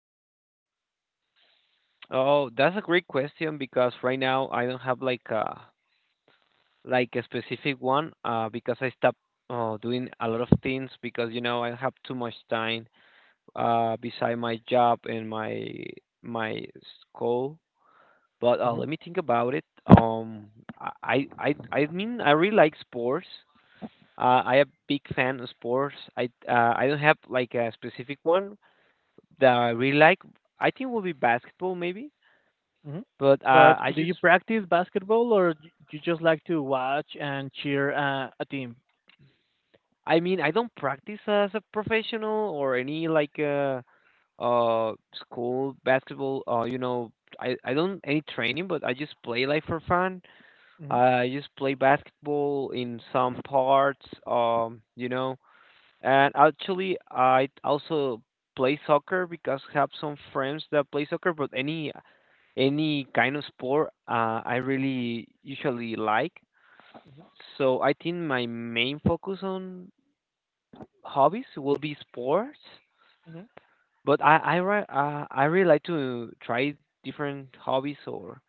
hobby? Oh, that's a great question because right now I don't have like a specific one because I stopped doing a lot of things because you know I have too much time beside my job and my school. But Hmm. let me think about it. I mean I really like sports. I am big fan of sports. I don't have like a specific one that I really like. I think it would be basketball maybe. Hmm. But uh, But I do just, you practice basketball, or you just like to watch and cheer a team? I mean, I don't practice as a professional or any like school basketball. You know, I don't any training, but I just play like for fun. Hmm. I just play basketball in some parts. And actually I also play soccer because I have some friends that play soccer. But any kind of sport, I really usually like. So I think my main focus on hobbies will be sports, Hmm. but I really like to try different hobbies or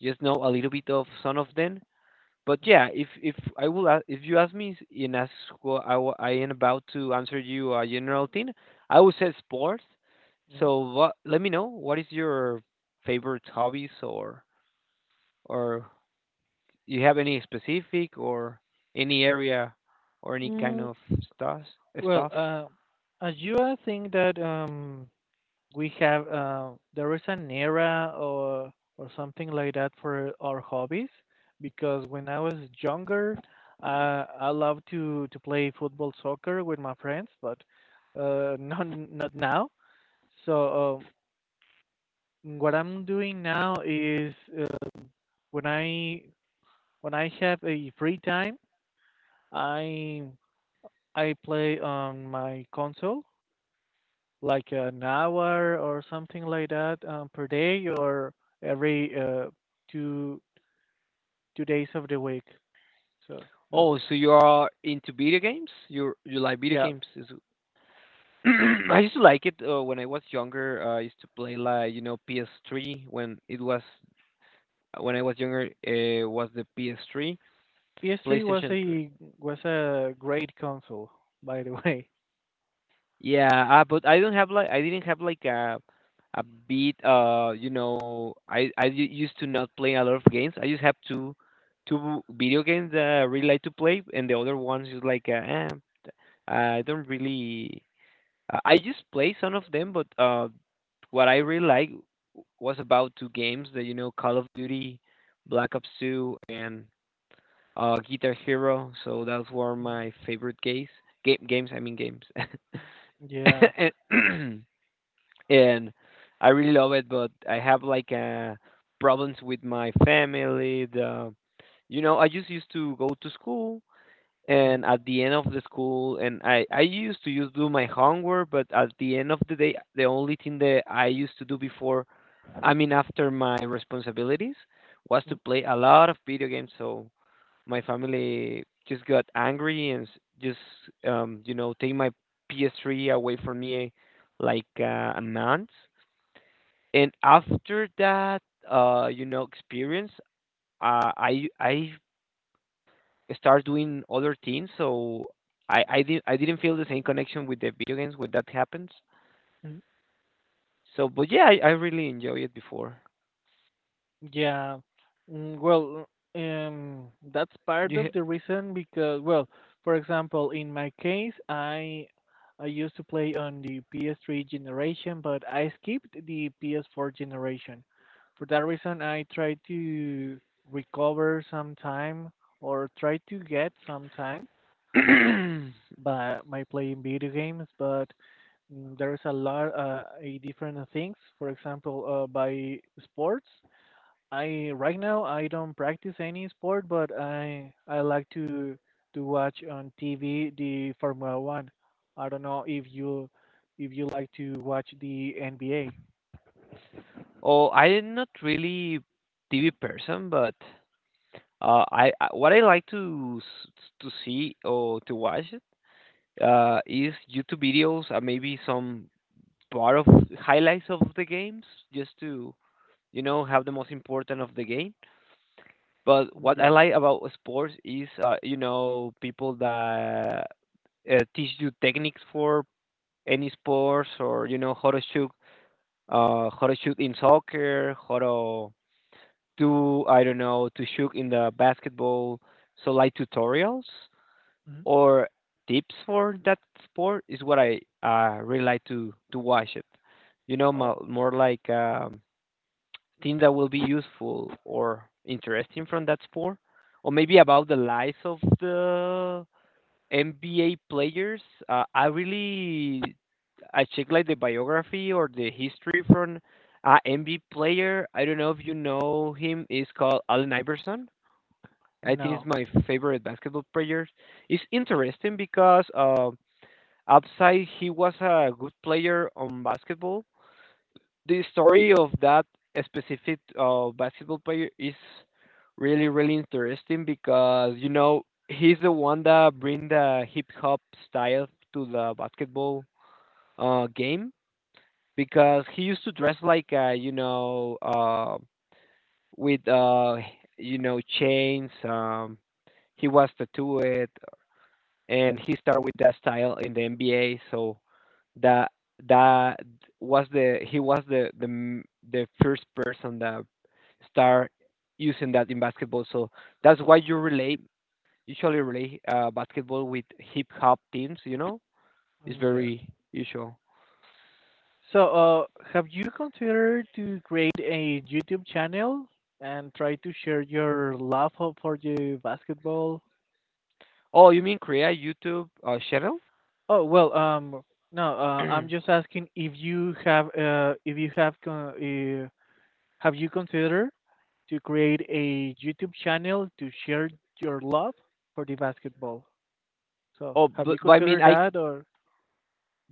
just know a little bit of some of them. But yeah, if I will a- if you ask me in as what I, wa- I am about to answer you a general thing, I would say sports. Hmm. Let me know what is your favorite hobbies, or you have any specific or any area or any kind Mm, of stuff well, stuff. As you, I think that. We have there is an era or something like that for our hobbies because when I was younger, I loved to play football, soccer with my friends, but not now. So, what I'm doing now is uh, when I have a free time, I I play on my console like an hour or something like that, per day, or every two two days of the week. So that's, Oh, so you are into video games? You like video yeah. games? Is I used to like it when I was younger. I used to play like you know PS3 when I was younger. It was the PS3, PS3 was PlayStation 3. a great console, by the way. Yeah, but I didn't have like a beat. You know, used to not play a lot of games. I just have two video games that I really like to play, and the other ones is like eh, I don't really I just play some of them, but what I really like was about two games that, you know, Call of Duty, Black Ops 2, and Guitar Hero. So those were Mm, my favorite games. I mean games. yeah. and, and I really love it, but I have like problems with my family. The You know, I just used to go to school, Mm, and at the end of the school, and I used to just do my homework. But at the end of the day, the only thing that I used to do before, I mean after my responsibilities, was to mm, play a lot of video games. So my family just got angry and just you know take my PS3 away from me like a month. And after that, you know, experience, I start doing other things. So I didn't feel the same connection with the video games when that happens. mm. So, but yeah, I really enjoy it before. Yeah, well, that's part You, of the reason because, well, for example, in my case, I used to play on the PS3 generation, but I skipped the PS4 generation. For that reason, I try to recover some time or try to get some time ha- by playing video games, but there is a different things. For example, by sports. I Right now I don't practice any sport, but I like to watch on TV the Formula One. I don't know if you like to watch the NBA. Oh, I'm not really TV person, but I what I like to to see or to watch it is YouTube videos, and maybe some part of highlights of the games, just to you know have the most important of the game. But Mm, what I yeah. like about sports is, you know, people that teach you techniques for any sports, or you know how to shoot in soccer, how to do, I don't know, to shoot in the basketball. So like tutorials Mhm. or tips for that sport is what I really like to watch it. You know, Oh, more like things that will be useful or interesting from that sport, or maybe about the lives of the NBA players. Uh, I really I check like the biography or the history from an NBA player. I don't know if you know him. It's called Allen Iverson. I think he's no. my favorite basketball player. It's interesting because outside he was a good player on basketball. The story of that specific basketball player is really really interesting, because you know he's the one that bring the hip hop style to the basketball game, because he used to dress like with uh, you know, chains. He was tattooed, and he started with that style in the NBA. So that that was the he was the first person that start using that in basketball. So that's why you relate usually relate basketball with hip hop teams. You know, it's Mm, yeah. very usual. So, have you considered to create a YouTube channel and try to share your love for the basketball? Oh, you mean create a YouTube channel? Oh, well, no, oh, I'm just asking. If you have con- Have you considered to create a YouTube channel to share your love for the basketball? So, have you but I mean, considered I c- that, or,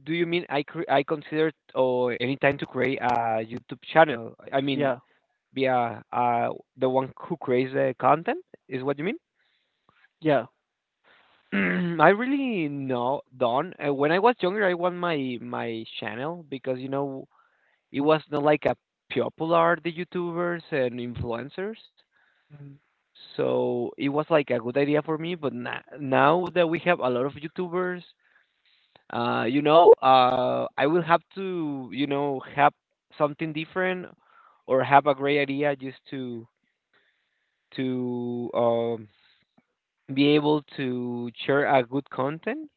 do you mean I I considered or any time to create a YouTube channel? I mean, yeah, be a the one who creates the content is what you mean? yeah. I really no don't. When I was younger, I want my channel because you know it was not like a popular the YouTubers and influencers. Mhm, So it was like a good idea for me, but na now that we have a lot of YouTubers, I will have to, you know, have something different or have a great idea just to to um, be able to share a good content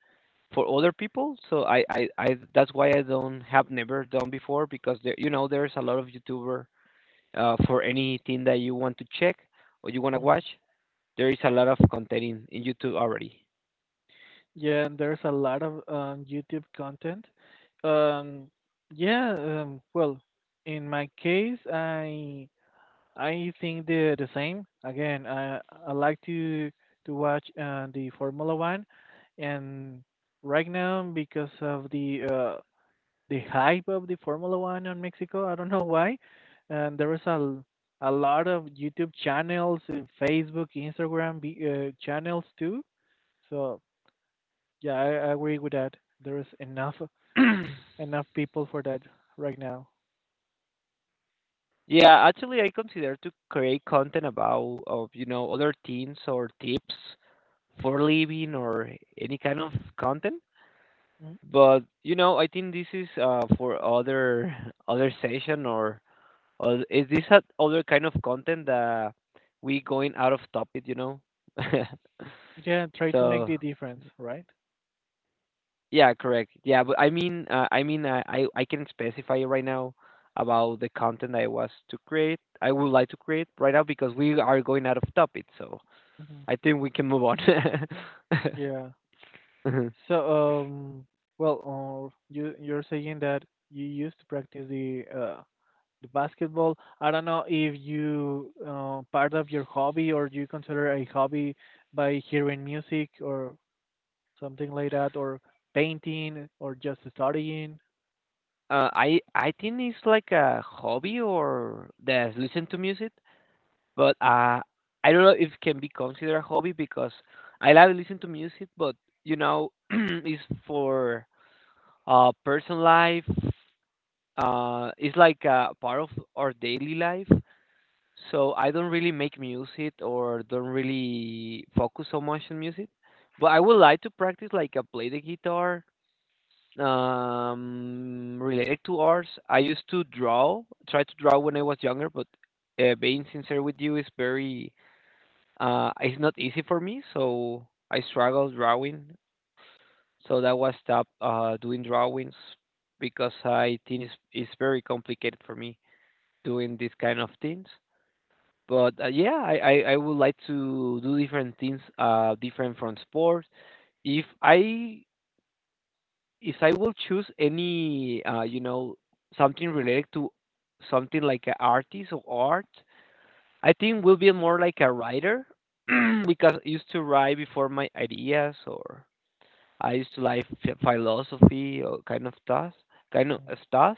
for other people. So I that's why I don't have never done before, because there, you know, there's a lot of YouTuber for anything that you want to check or you want to watch. mhm. There is a lot of content in YouTube already. Yeah, and there's a lot of YouTube content. Um, yeah, well, in my case, I think the same. Again, I like to watch the Formula One, and right now because of the hype of the Formula One on Mexico. I don't know why. And there was a lot of YouTube channels, Facebook, Instagram, channels too. So, yeah, I agree with that. There is enough people for that right now. Yeah, actually, I consider to create content about of you know other things, or tips for living, or any kind of content. Mm. But you know, I think this is for other other session, or is this a other kind of content that we going out of topic? You know, Yeah, try to make so the difference, right? yeah, correct. Yeah, but I mean, I mean, I can specify right now about the content I was to create. I would like to create right now, because we are going out of topic, so Hmm. I think we can move on. Yeah. Mhm. So, well, you're saying that you used to practice the basketball. I don't know if you part of your hobby, or you consider a hobby by hearing music or something like that, or painting or just studying. I think it's like a hobby or the listen to music, but I don't know if it can be considered a hobby, because I love to listen to music, but you know, it's for personal life, it's like part of our daily life. So I don't really make music, or don't really focus so much on music, but I would like to practice like play the guitar. Related to arts, I used to draw, try to draw when I was younger, but being sincere with you is very, it's not easy for me. So I struggle drawing, so that was stop doing drawings, because I think it's very complicated for me doing these kind of things. But yeah, I would like to do different things, different from sports. If I will choose any, you know, something related to something like an artist or art, I think will be more like a writer, because I used to write before my ideas, or I used to like philosophy kind of stuff, kind of Mm, uh, stuff.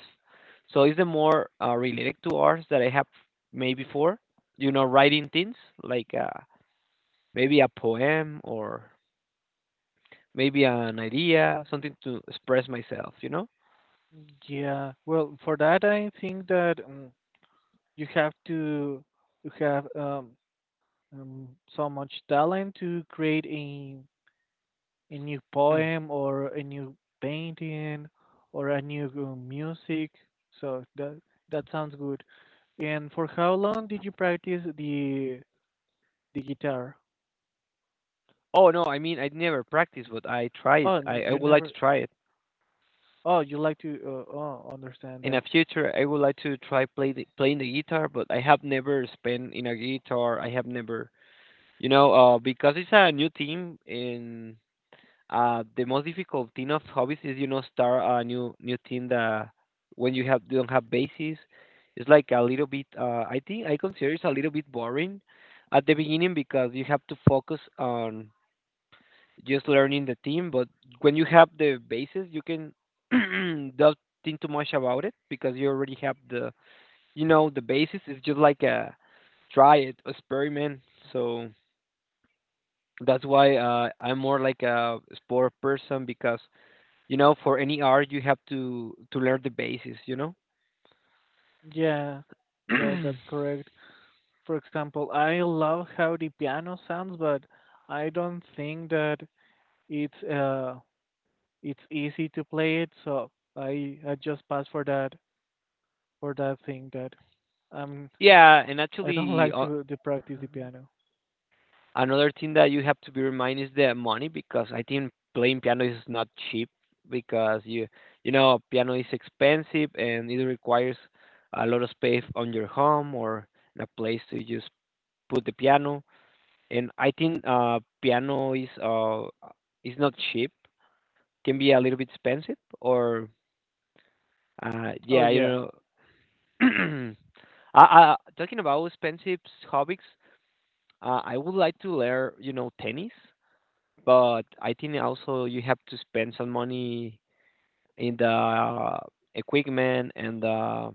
So it's the more related to arts that I have made before. You know, writing things like maybe a poem, or maybe an idea, something to express myself. You know. yeah, well, for that I think that you have to you have um, so much talent to create a new Mm. poem, or a new painting, or a new music. So that sounds good. And for how long did you practice the guitar? Oh no, I mean I never practiced, but I tried. Oh, I you would like to never. try it Oh, you like to. Oh, understand in that. the future. I would like to try playing the guitar, but I have never spent in a guitar. I have never, you know, because it's a new team, and the most difficult thing of hobbies is, you know, start a new thing, that when you have don't have basis, it's like a little bit. I think I consider it's a little bit boring at the beginning, because you have to focus on just learning the thing. But when you have the basis, you can don't think too much about it, because you already have the, you know, the basis. It's just like a try it, experiment. So that's why I'm more like a sport person, because you know, for any art, you have to learn the basis. You know. Yeah, yeah, that's correct. For example, I love how the piano sounds, but I don't think that it's uh it's easy to play it. So, I just pass for that thing that I'm yeah, and I don't actually, like to practice the piano. another thing that you have to be reminded is the money because I think playing piano is not cheap because you know piano is expensive and it requires a lot of space on your home or in a place to just put the piano. And I think piano is not cheap. Can be a little bit expensive or uh Oh, yeah you yeah. know talking about expensive hobbies, I would like to learn, you know, tennis, but I think also you have to spend some money in the equipment and the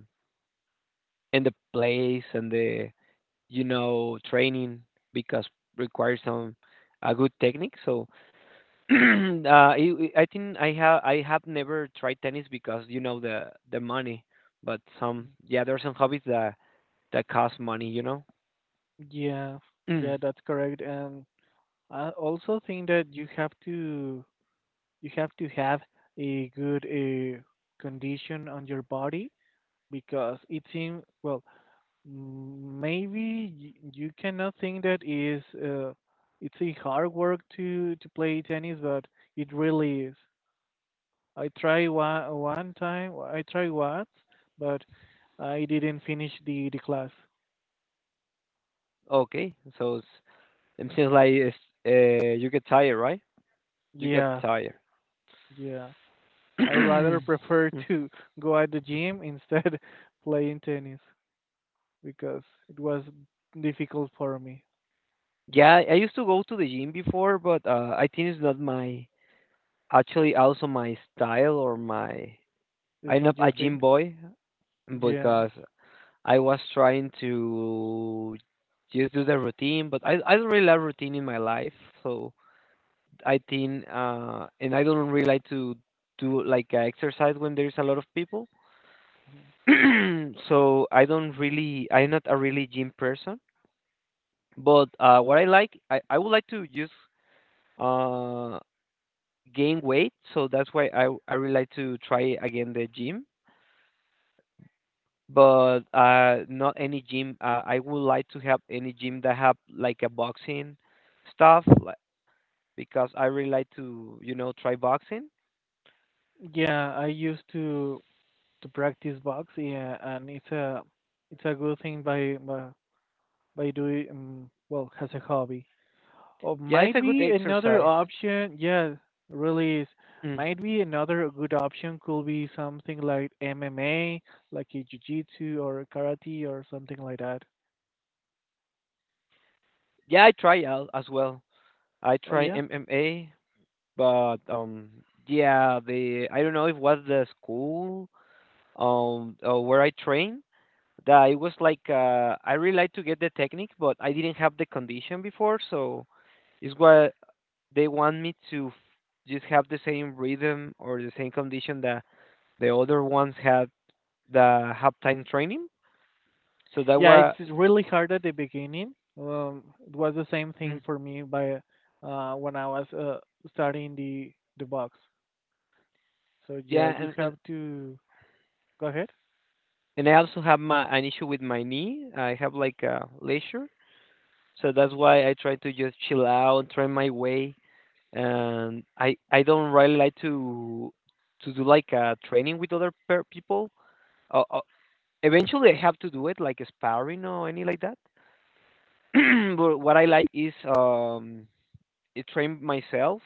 and the place and the you know training because requires some a good technique. So I think I have never tried tennis because you know the money, but some Mm, yeah there are some hobbies that that cost money, you know. yeah, yeah. That's correct. And I also think that you have to have a good condition on your body because it seems, well, maybe you cannot think that is it's a hard work to play tennis, but it really is. I try one time. I try once, but I didn't finish the class. Okay, so s- it seems like you get tired, right? You got Yeah, tired. yeah. I rather prefer to go at the gym instead playing tennis because it was difficult for me. Yeah, I used to go to the gym before, but I think it's not my actually also my style or my It's I'm not not your a thing? gym boy Yeah. because I was trying to just do the routine, but I don't really like routine in my life, so I think and I don't really like to do like exercise when there's a lot of people. So I don't really, I'm not a really gym person. But what I like, I would like to just uh, gain weight. So that's why I really like to try again the gym. But not any gym. I would like to have any gym that have like a boxing stuff, like, because I really like to, you know, try boxing. Yeah, I used to practice box, yeah, and it's a good thing by doing, well, as a hobby. Oh, Yeah, it's might a good be another exercise. option. Yeah, really is. Mm. Might be another good option, could be something like MMA, like a jiu-jitsu or karate or something like that. Yeah, I try out as well. I Oh, try yeah, MMA. But yeah, the I don't know if was the school where I trained that it was like I really like to get the technique, but I didn't have the condition before, so it's what they want me to just have the same rhythm or the same condition that the other ones had the have time training. So that yeah. It's was really hard at the beginning. It was the same mm, thing for me by when I was starting the box. So, yeah, yeah, you and, and have to. Go ahead. and I also have my an issue with my knee. I have like a leisure. So that's why I try to just chill out, train my way and I don't really like to do like a training with other per people. Uh, uh, eventually, I have to do it like sparring or any like that. But what I like is I train myself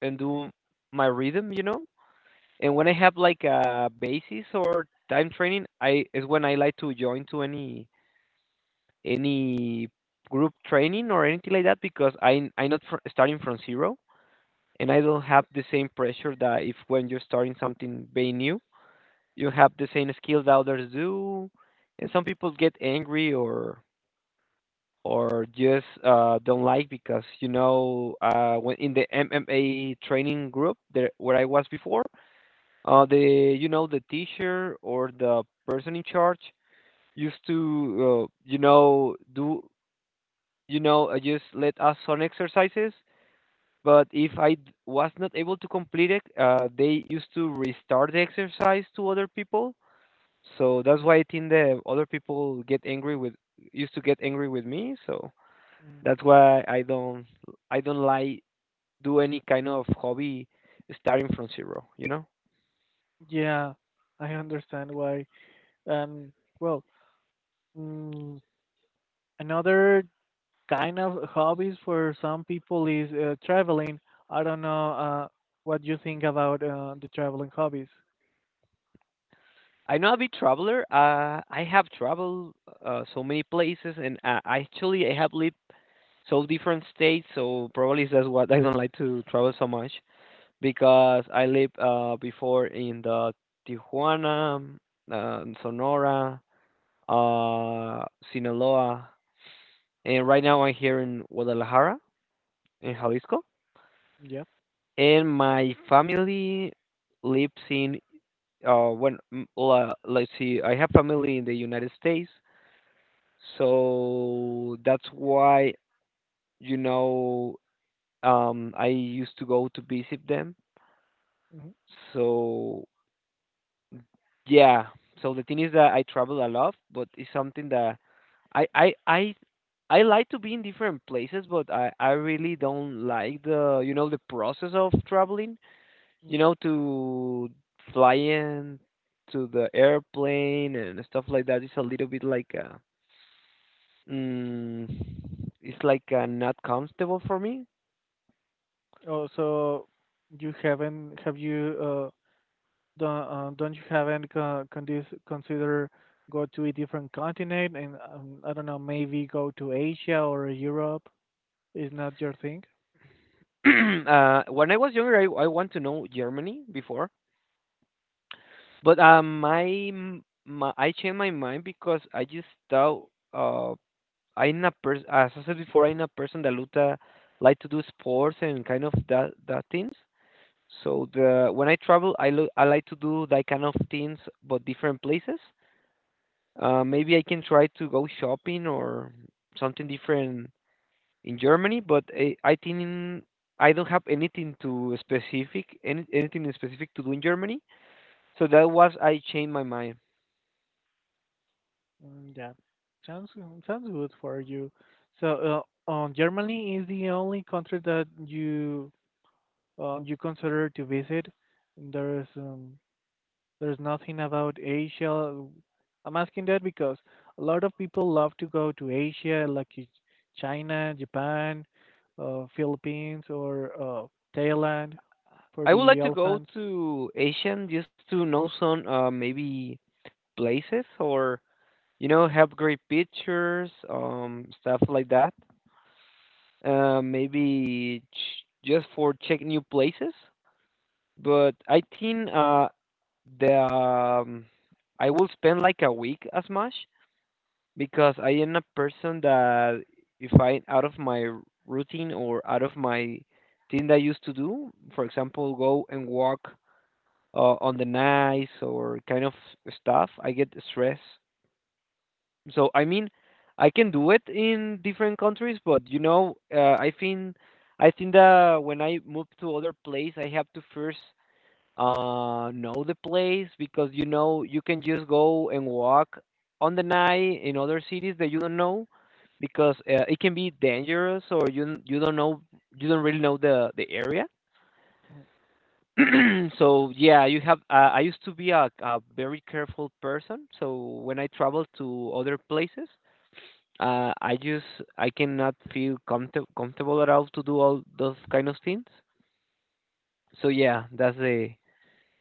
and do my rhythm, you know. And when I have like a basis or time training, I is when I like to join to any group training or anything like that because I'm not starting from zero and I don't have the same pressure that if when you're starting something very new, you have the same skills that others do, and some people get angry or just don't like because you know when in the MMA training group there where I was before, the you know the teacher or the person in charge used to you know do you know just let us on exercises. But if was not able to complete it, they used to restart the exercise to other people. So that's why I think the other people get angry with used to get angry with me. So Mm, that's why I don't like do any kind of hobby starting from zero. You know, yeah, I understand why. Um, well, Mm, another kind of hobbies for some people is traveling. I don't know, what you think about the traveling hobbies. I'm not a big traveler. I have traveled so many places, and actually I have lived so different states. So probably that's what I don't like to travel so much. Because I lived before in the Tijuana, Sonora, uh, Sinaloa, and right now I'm here in Guadalajara, in Jalisco, Yeah. and my family lives in let's see, I have family in the United States, so that's why you know I used to go to visit them. Hmm. So yeah. So the thing is that I travel a lot, but it's something that I I I I like to be in different places, but I really don't like the you know the process of traveling. You Mm. know to fly in to the airplane and stuff like that is a little bit like mm, it's like not comfortable for me. Oh, so you haven't? Have you? Don't you haven't consider go to a different continent, and I don't know, maybe go to Asia or Europe? Is not your thing? Uh, when I was younger, I want to know Germany before. But my, m- my I changed my mind because I just thought uh, I'm a person. As I said before, I'm a person that look, like to do sports and kind of that things. So the when I travel, I like to do that kind of things, but different places. Maybe I can try to go shopping or something different in Germany, but I think I don't have anything to specific, anything specific to do in Germany. So that was I changed my mind. Mm, yeah, sounds sounds good for you. So, Germany is the only country that you consider to visit. There's um, there's nothing about Asia. I'm asking that because a lot of people love to go to Asia, like China, Japan, Philippines, or Thailand for I would like the to go elephants. to Asian just to know some maybe places or you know have great pictures, stuff like that. Just for check new places. But I think the I will spend like a week as much because I am a person that if I'm out of my routine or out of my thing that I used to do, for example, go and walk on the nights or kind of stuff, I get stressed. So I mean, I can do it in different countries, but you know, I think that when I move to other place, I have to first know the place because you know you can just go and walk on the night in other cities that you don't know because it can be dangerous or you don't know you don't really know the area. So yeah, you have. I used to be a very careful person. So when I travel to other places, I just I cannot feel comfortable at all to do all those kind of things. So yeah, that's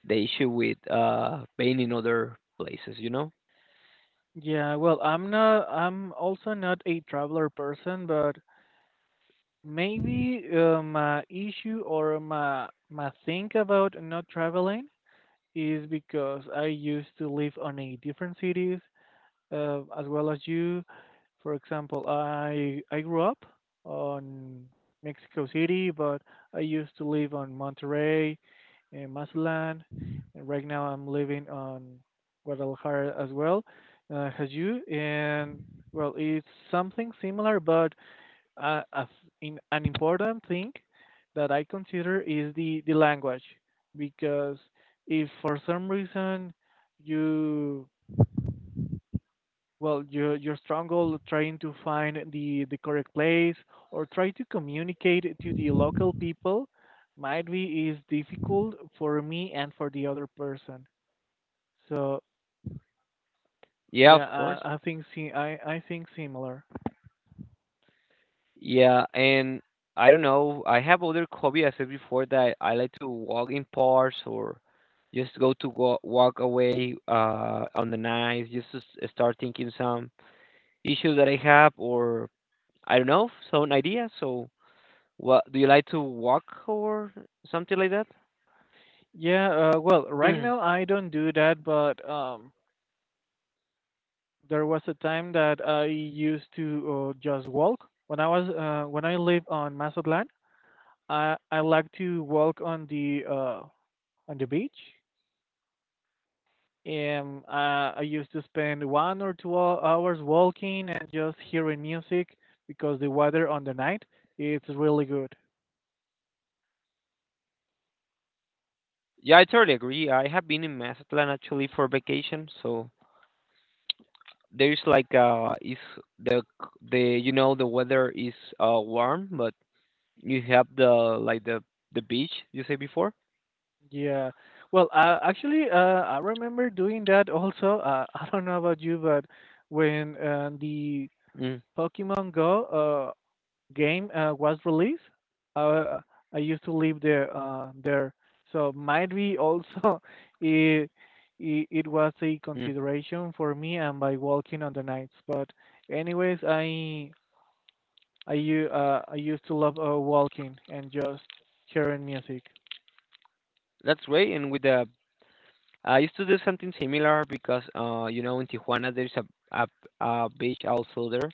the issue with being in other places. You know. Yeah, well, I'm not. I'm also not a traveler person, but maybe, my issue, or my thing about not traveling, is because I used to live on a different cities, as well as you. For example, I grew up on Mexico City, but I used to live on Monterrey and Mazatlan, and right now I'm living on Guadalajara as well. As you, and well, it's something similar, but as in an important thing that I consider is the language, because if for some reason you you struggle trying to find the correct place or try to communicate to the local people, might be is difficult for me and for the other person, so Yeah, of yeah, course. I think similar. Yeah, and I don't know. I have other hobby. I said before that I like to walk in parks or just go walk away on the night, just to start thinking some issues that I have or I don't know some idea. So, what do you like to walk or something like that? Yeah, well, right now I don't do that, but there was a time that I used to, just walk. When I live on Mazatlan, I like to walk on the beach, and, I used to spend one or two hours walking and just hearing music because the weather on the night, it's really good. Yeah, I totally agree. I have been in Mazatlan actually for vacation, so there's like is the you know the weather is warm, but you have the like the beach you say before. Yeah. Well, actually, I remember doing that also. I don't know about you, but when, the Mm, Pokemon Go, game, was released. Uh, I used to live there, so might be also, it, it was a mm. consideration for me and by walking on the nights. But anyways, I used to love, walking and just hearing music. That's great. And with the I used to do something similar because you know in Tijuana there's a, a beach also there.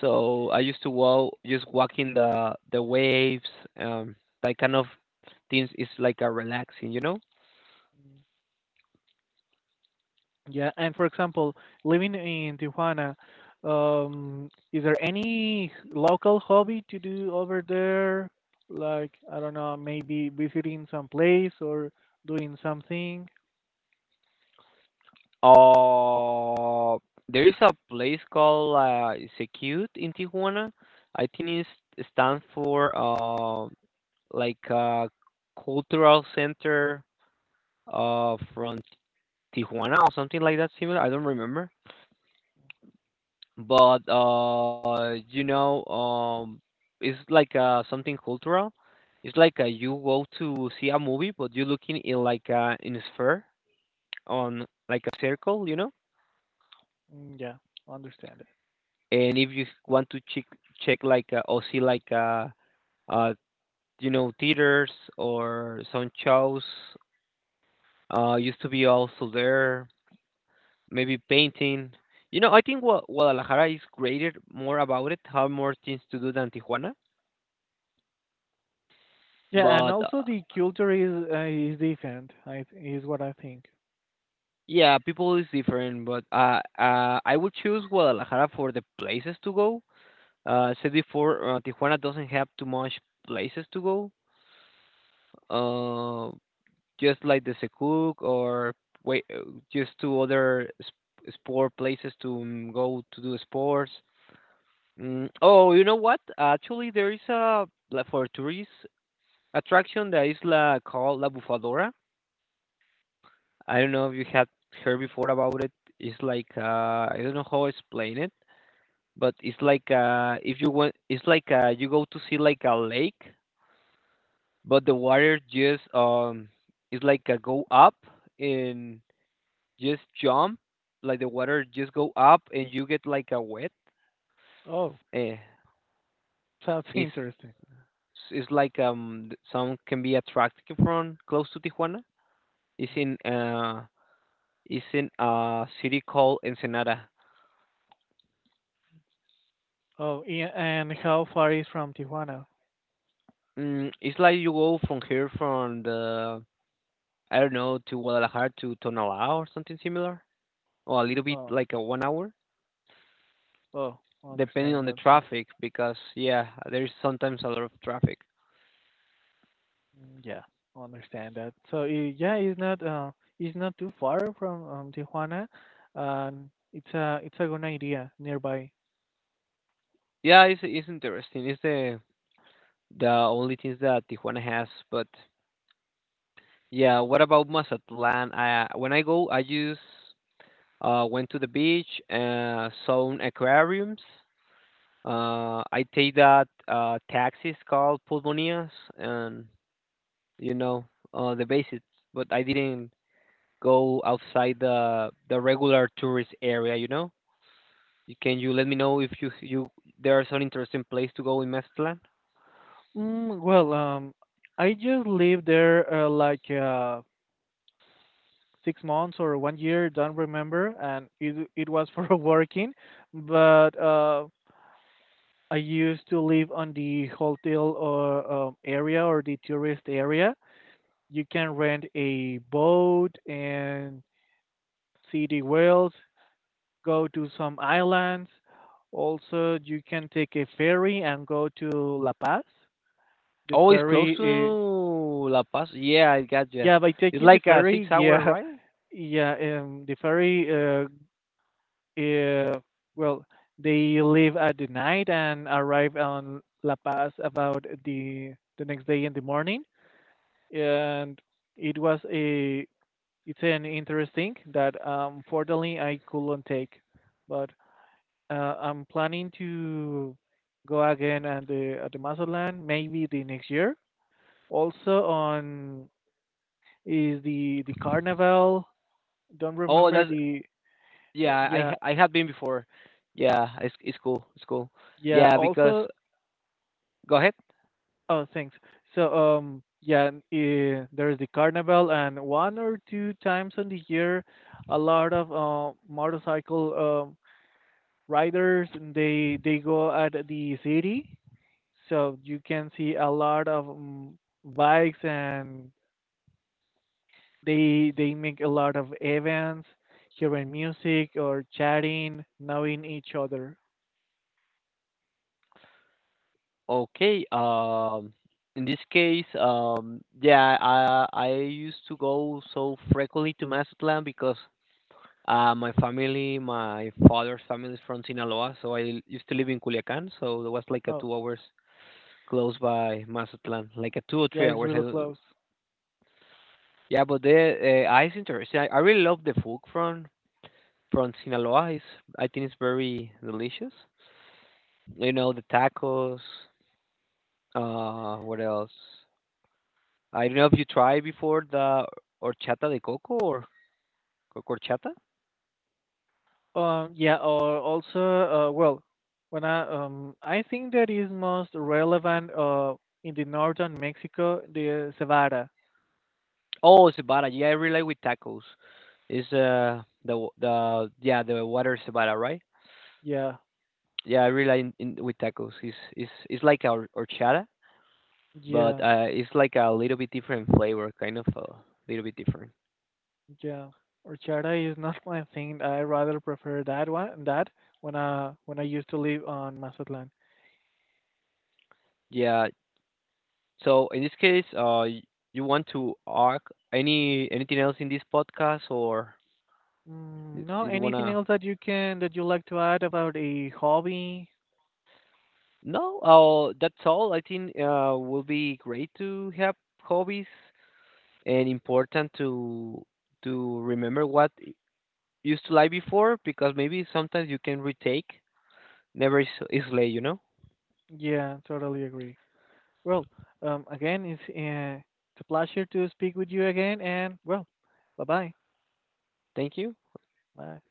So I used to walk just walking the waves, um like kind of things is like a relaxing, you know. Yeah, and for example, living in Tijuana, is there any local hobby to do over there? Like, I don't know, maybe visiting some place or doing something? Uh there is a place called Secute in Tijuana. I think it stands for. Like a cultural center from Tijuana or something like that similar. I don't remember, but you know it's like something cultural. It's like you go to see a movie, but you're looking in like in a sphere on like a circle, you know. Mm, yeah, understand it. And if you want to check like or see like uh you know theaters or some shows used to be also there maybe painting. You know, I think Guadalajara is greater more about it, have more things to do than Tijuana. Yeah, and But also the culture is different, is what I think. yeah, people is different. But I would choose Guadalajara for the places to go. Said before, Tijuana doesn't have too much places to go. Uh, just like the Secuc or wait, just two other sport places to mm, go to do sports. Mm, oh, you know what? Actually, there is a like for tourists attraction that is la called La Bufadora. I don't know if you had heard before about it. It's like I don't know how to explain it, but it's like if you want, it's like you go to see like a lake, but the water just it's like go up and just jump, like the water just go up and you get like a wet. Oh, Eh, sounds it's interesting. it's like some can be attracted from close to Tijuana. It's in it's in a city called Ensenada. Oh, yeah, and how far is from Tijuana? Mm, it's like you go from here from the I don't know to Guadalajara to Tonalá or something similar, or a little bit Um, like a 1 hour, oh, depending understand on the that, so. traffic. Because yeah, there's sometimes a lot of traffic. Mm, yeah, I understand that. So, yeah, it's not too far from, Tijuana, and it's a good idea nearby. Yeah, it's interesting. It's the only things that Tijuana has. But yeah, what about Mazatlan? I when I go, I just went to the beach, saw aquariums. I take that taxis called pulmonias and you know the basics, but I didn't go outside the regular tourist area. You know, you- can you let me know if you there's an interesting place to go in Mazatlan? Mm, well, I just lived there, like, 6 months or one year, don't remember, and it was for working, but, I used to live on the hotel, or, area, or the tourist area. You can rent a boat and see the whales, go to some islands. Also, you can take a ferry and go to La Paz. The Oh, it's ferry, close to uh, La Paz. Yeah, I got you. yeah, by It's taking the like a six ferry, hour yeah, ride. yeah, uh, well, they leave at the night and arrive on La Paz about the next day in the morning. And it was a it's an interesting that, unfortunately I couldn't take, but. I'm planning to go again at the Mazatlán maybe the next year. Also, on is the carnival. Don't Oh, remember that's the, yeah. I yeah, I have been before. Yeah, it's cool. It's cool. yeah. Yeah, because Also. go ahead. Oh, thanks. So, yeah, there's the carnival, and one or two times on the year, a lot of, motorcycle, riders, and they go at the city. So you can see a lot of, bikes. And they make a lot of events, hearing music or chatting, knowing each other. Okay. In this case, yeah, I used to go so frequently to Mazatlan because my family, my father's family is from Sinaloa, so I used to live in Culiacan, so it was like a Oh, 2 hours close by Mazatlan, like a two or yeah, three it's hours. I really don't, close. yeah, but the ice interesting. I really love the food from Sinaloa. It's, I think it's very delicious. You know the tacos. What else? I don't know if you tried before the horchata de coco or coco horchata. Yeah, or also, well, when I think that is most relevant in the northern Mexico, the cebada. Oh, cebada. Yeah, I really like with tacos. It's the yeah the water cebada, right? Yeah, Yeah, I really like with tacos. It's like a horchata, but yeah, it's like a little bit different flavor, kind of a little bit different. yeah. Horchata is not my thing. I rather prefer that one. That when I used to live on Mazatlan. Yeah. So in this case, you want to arc anything else in this podcast, or Mm, no, did you anything wanna? else that you can that you like to add about a hobby? No, that's all. I think will be great to have hobbies and important to remember what used to lie before because maybe sometimes you can retake. Never is, is late, you know. Yeah, totally agree. Well, again, it's a pleasure to speak with you again, and, well, bye bye. Thank you. Bye.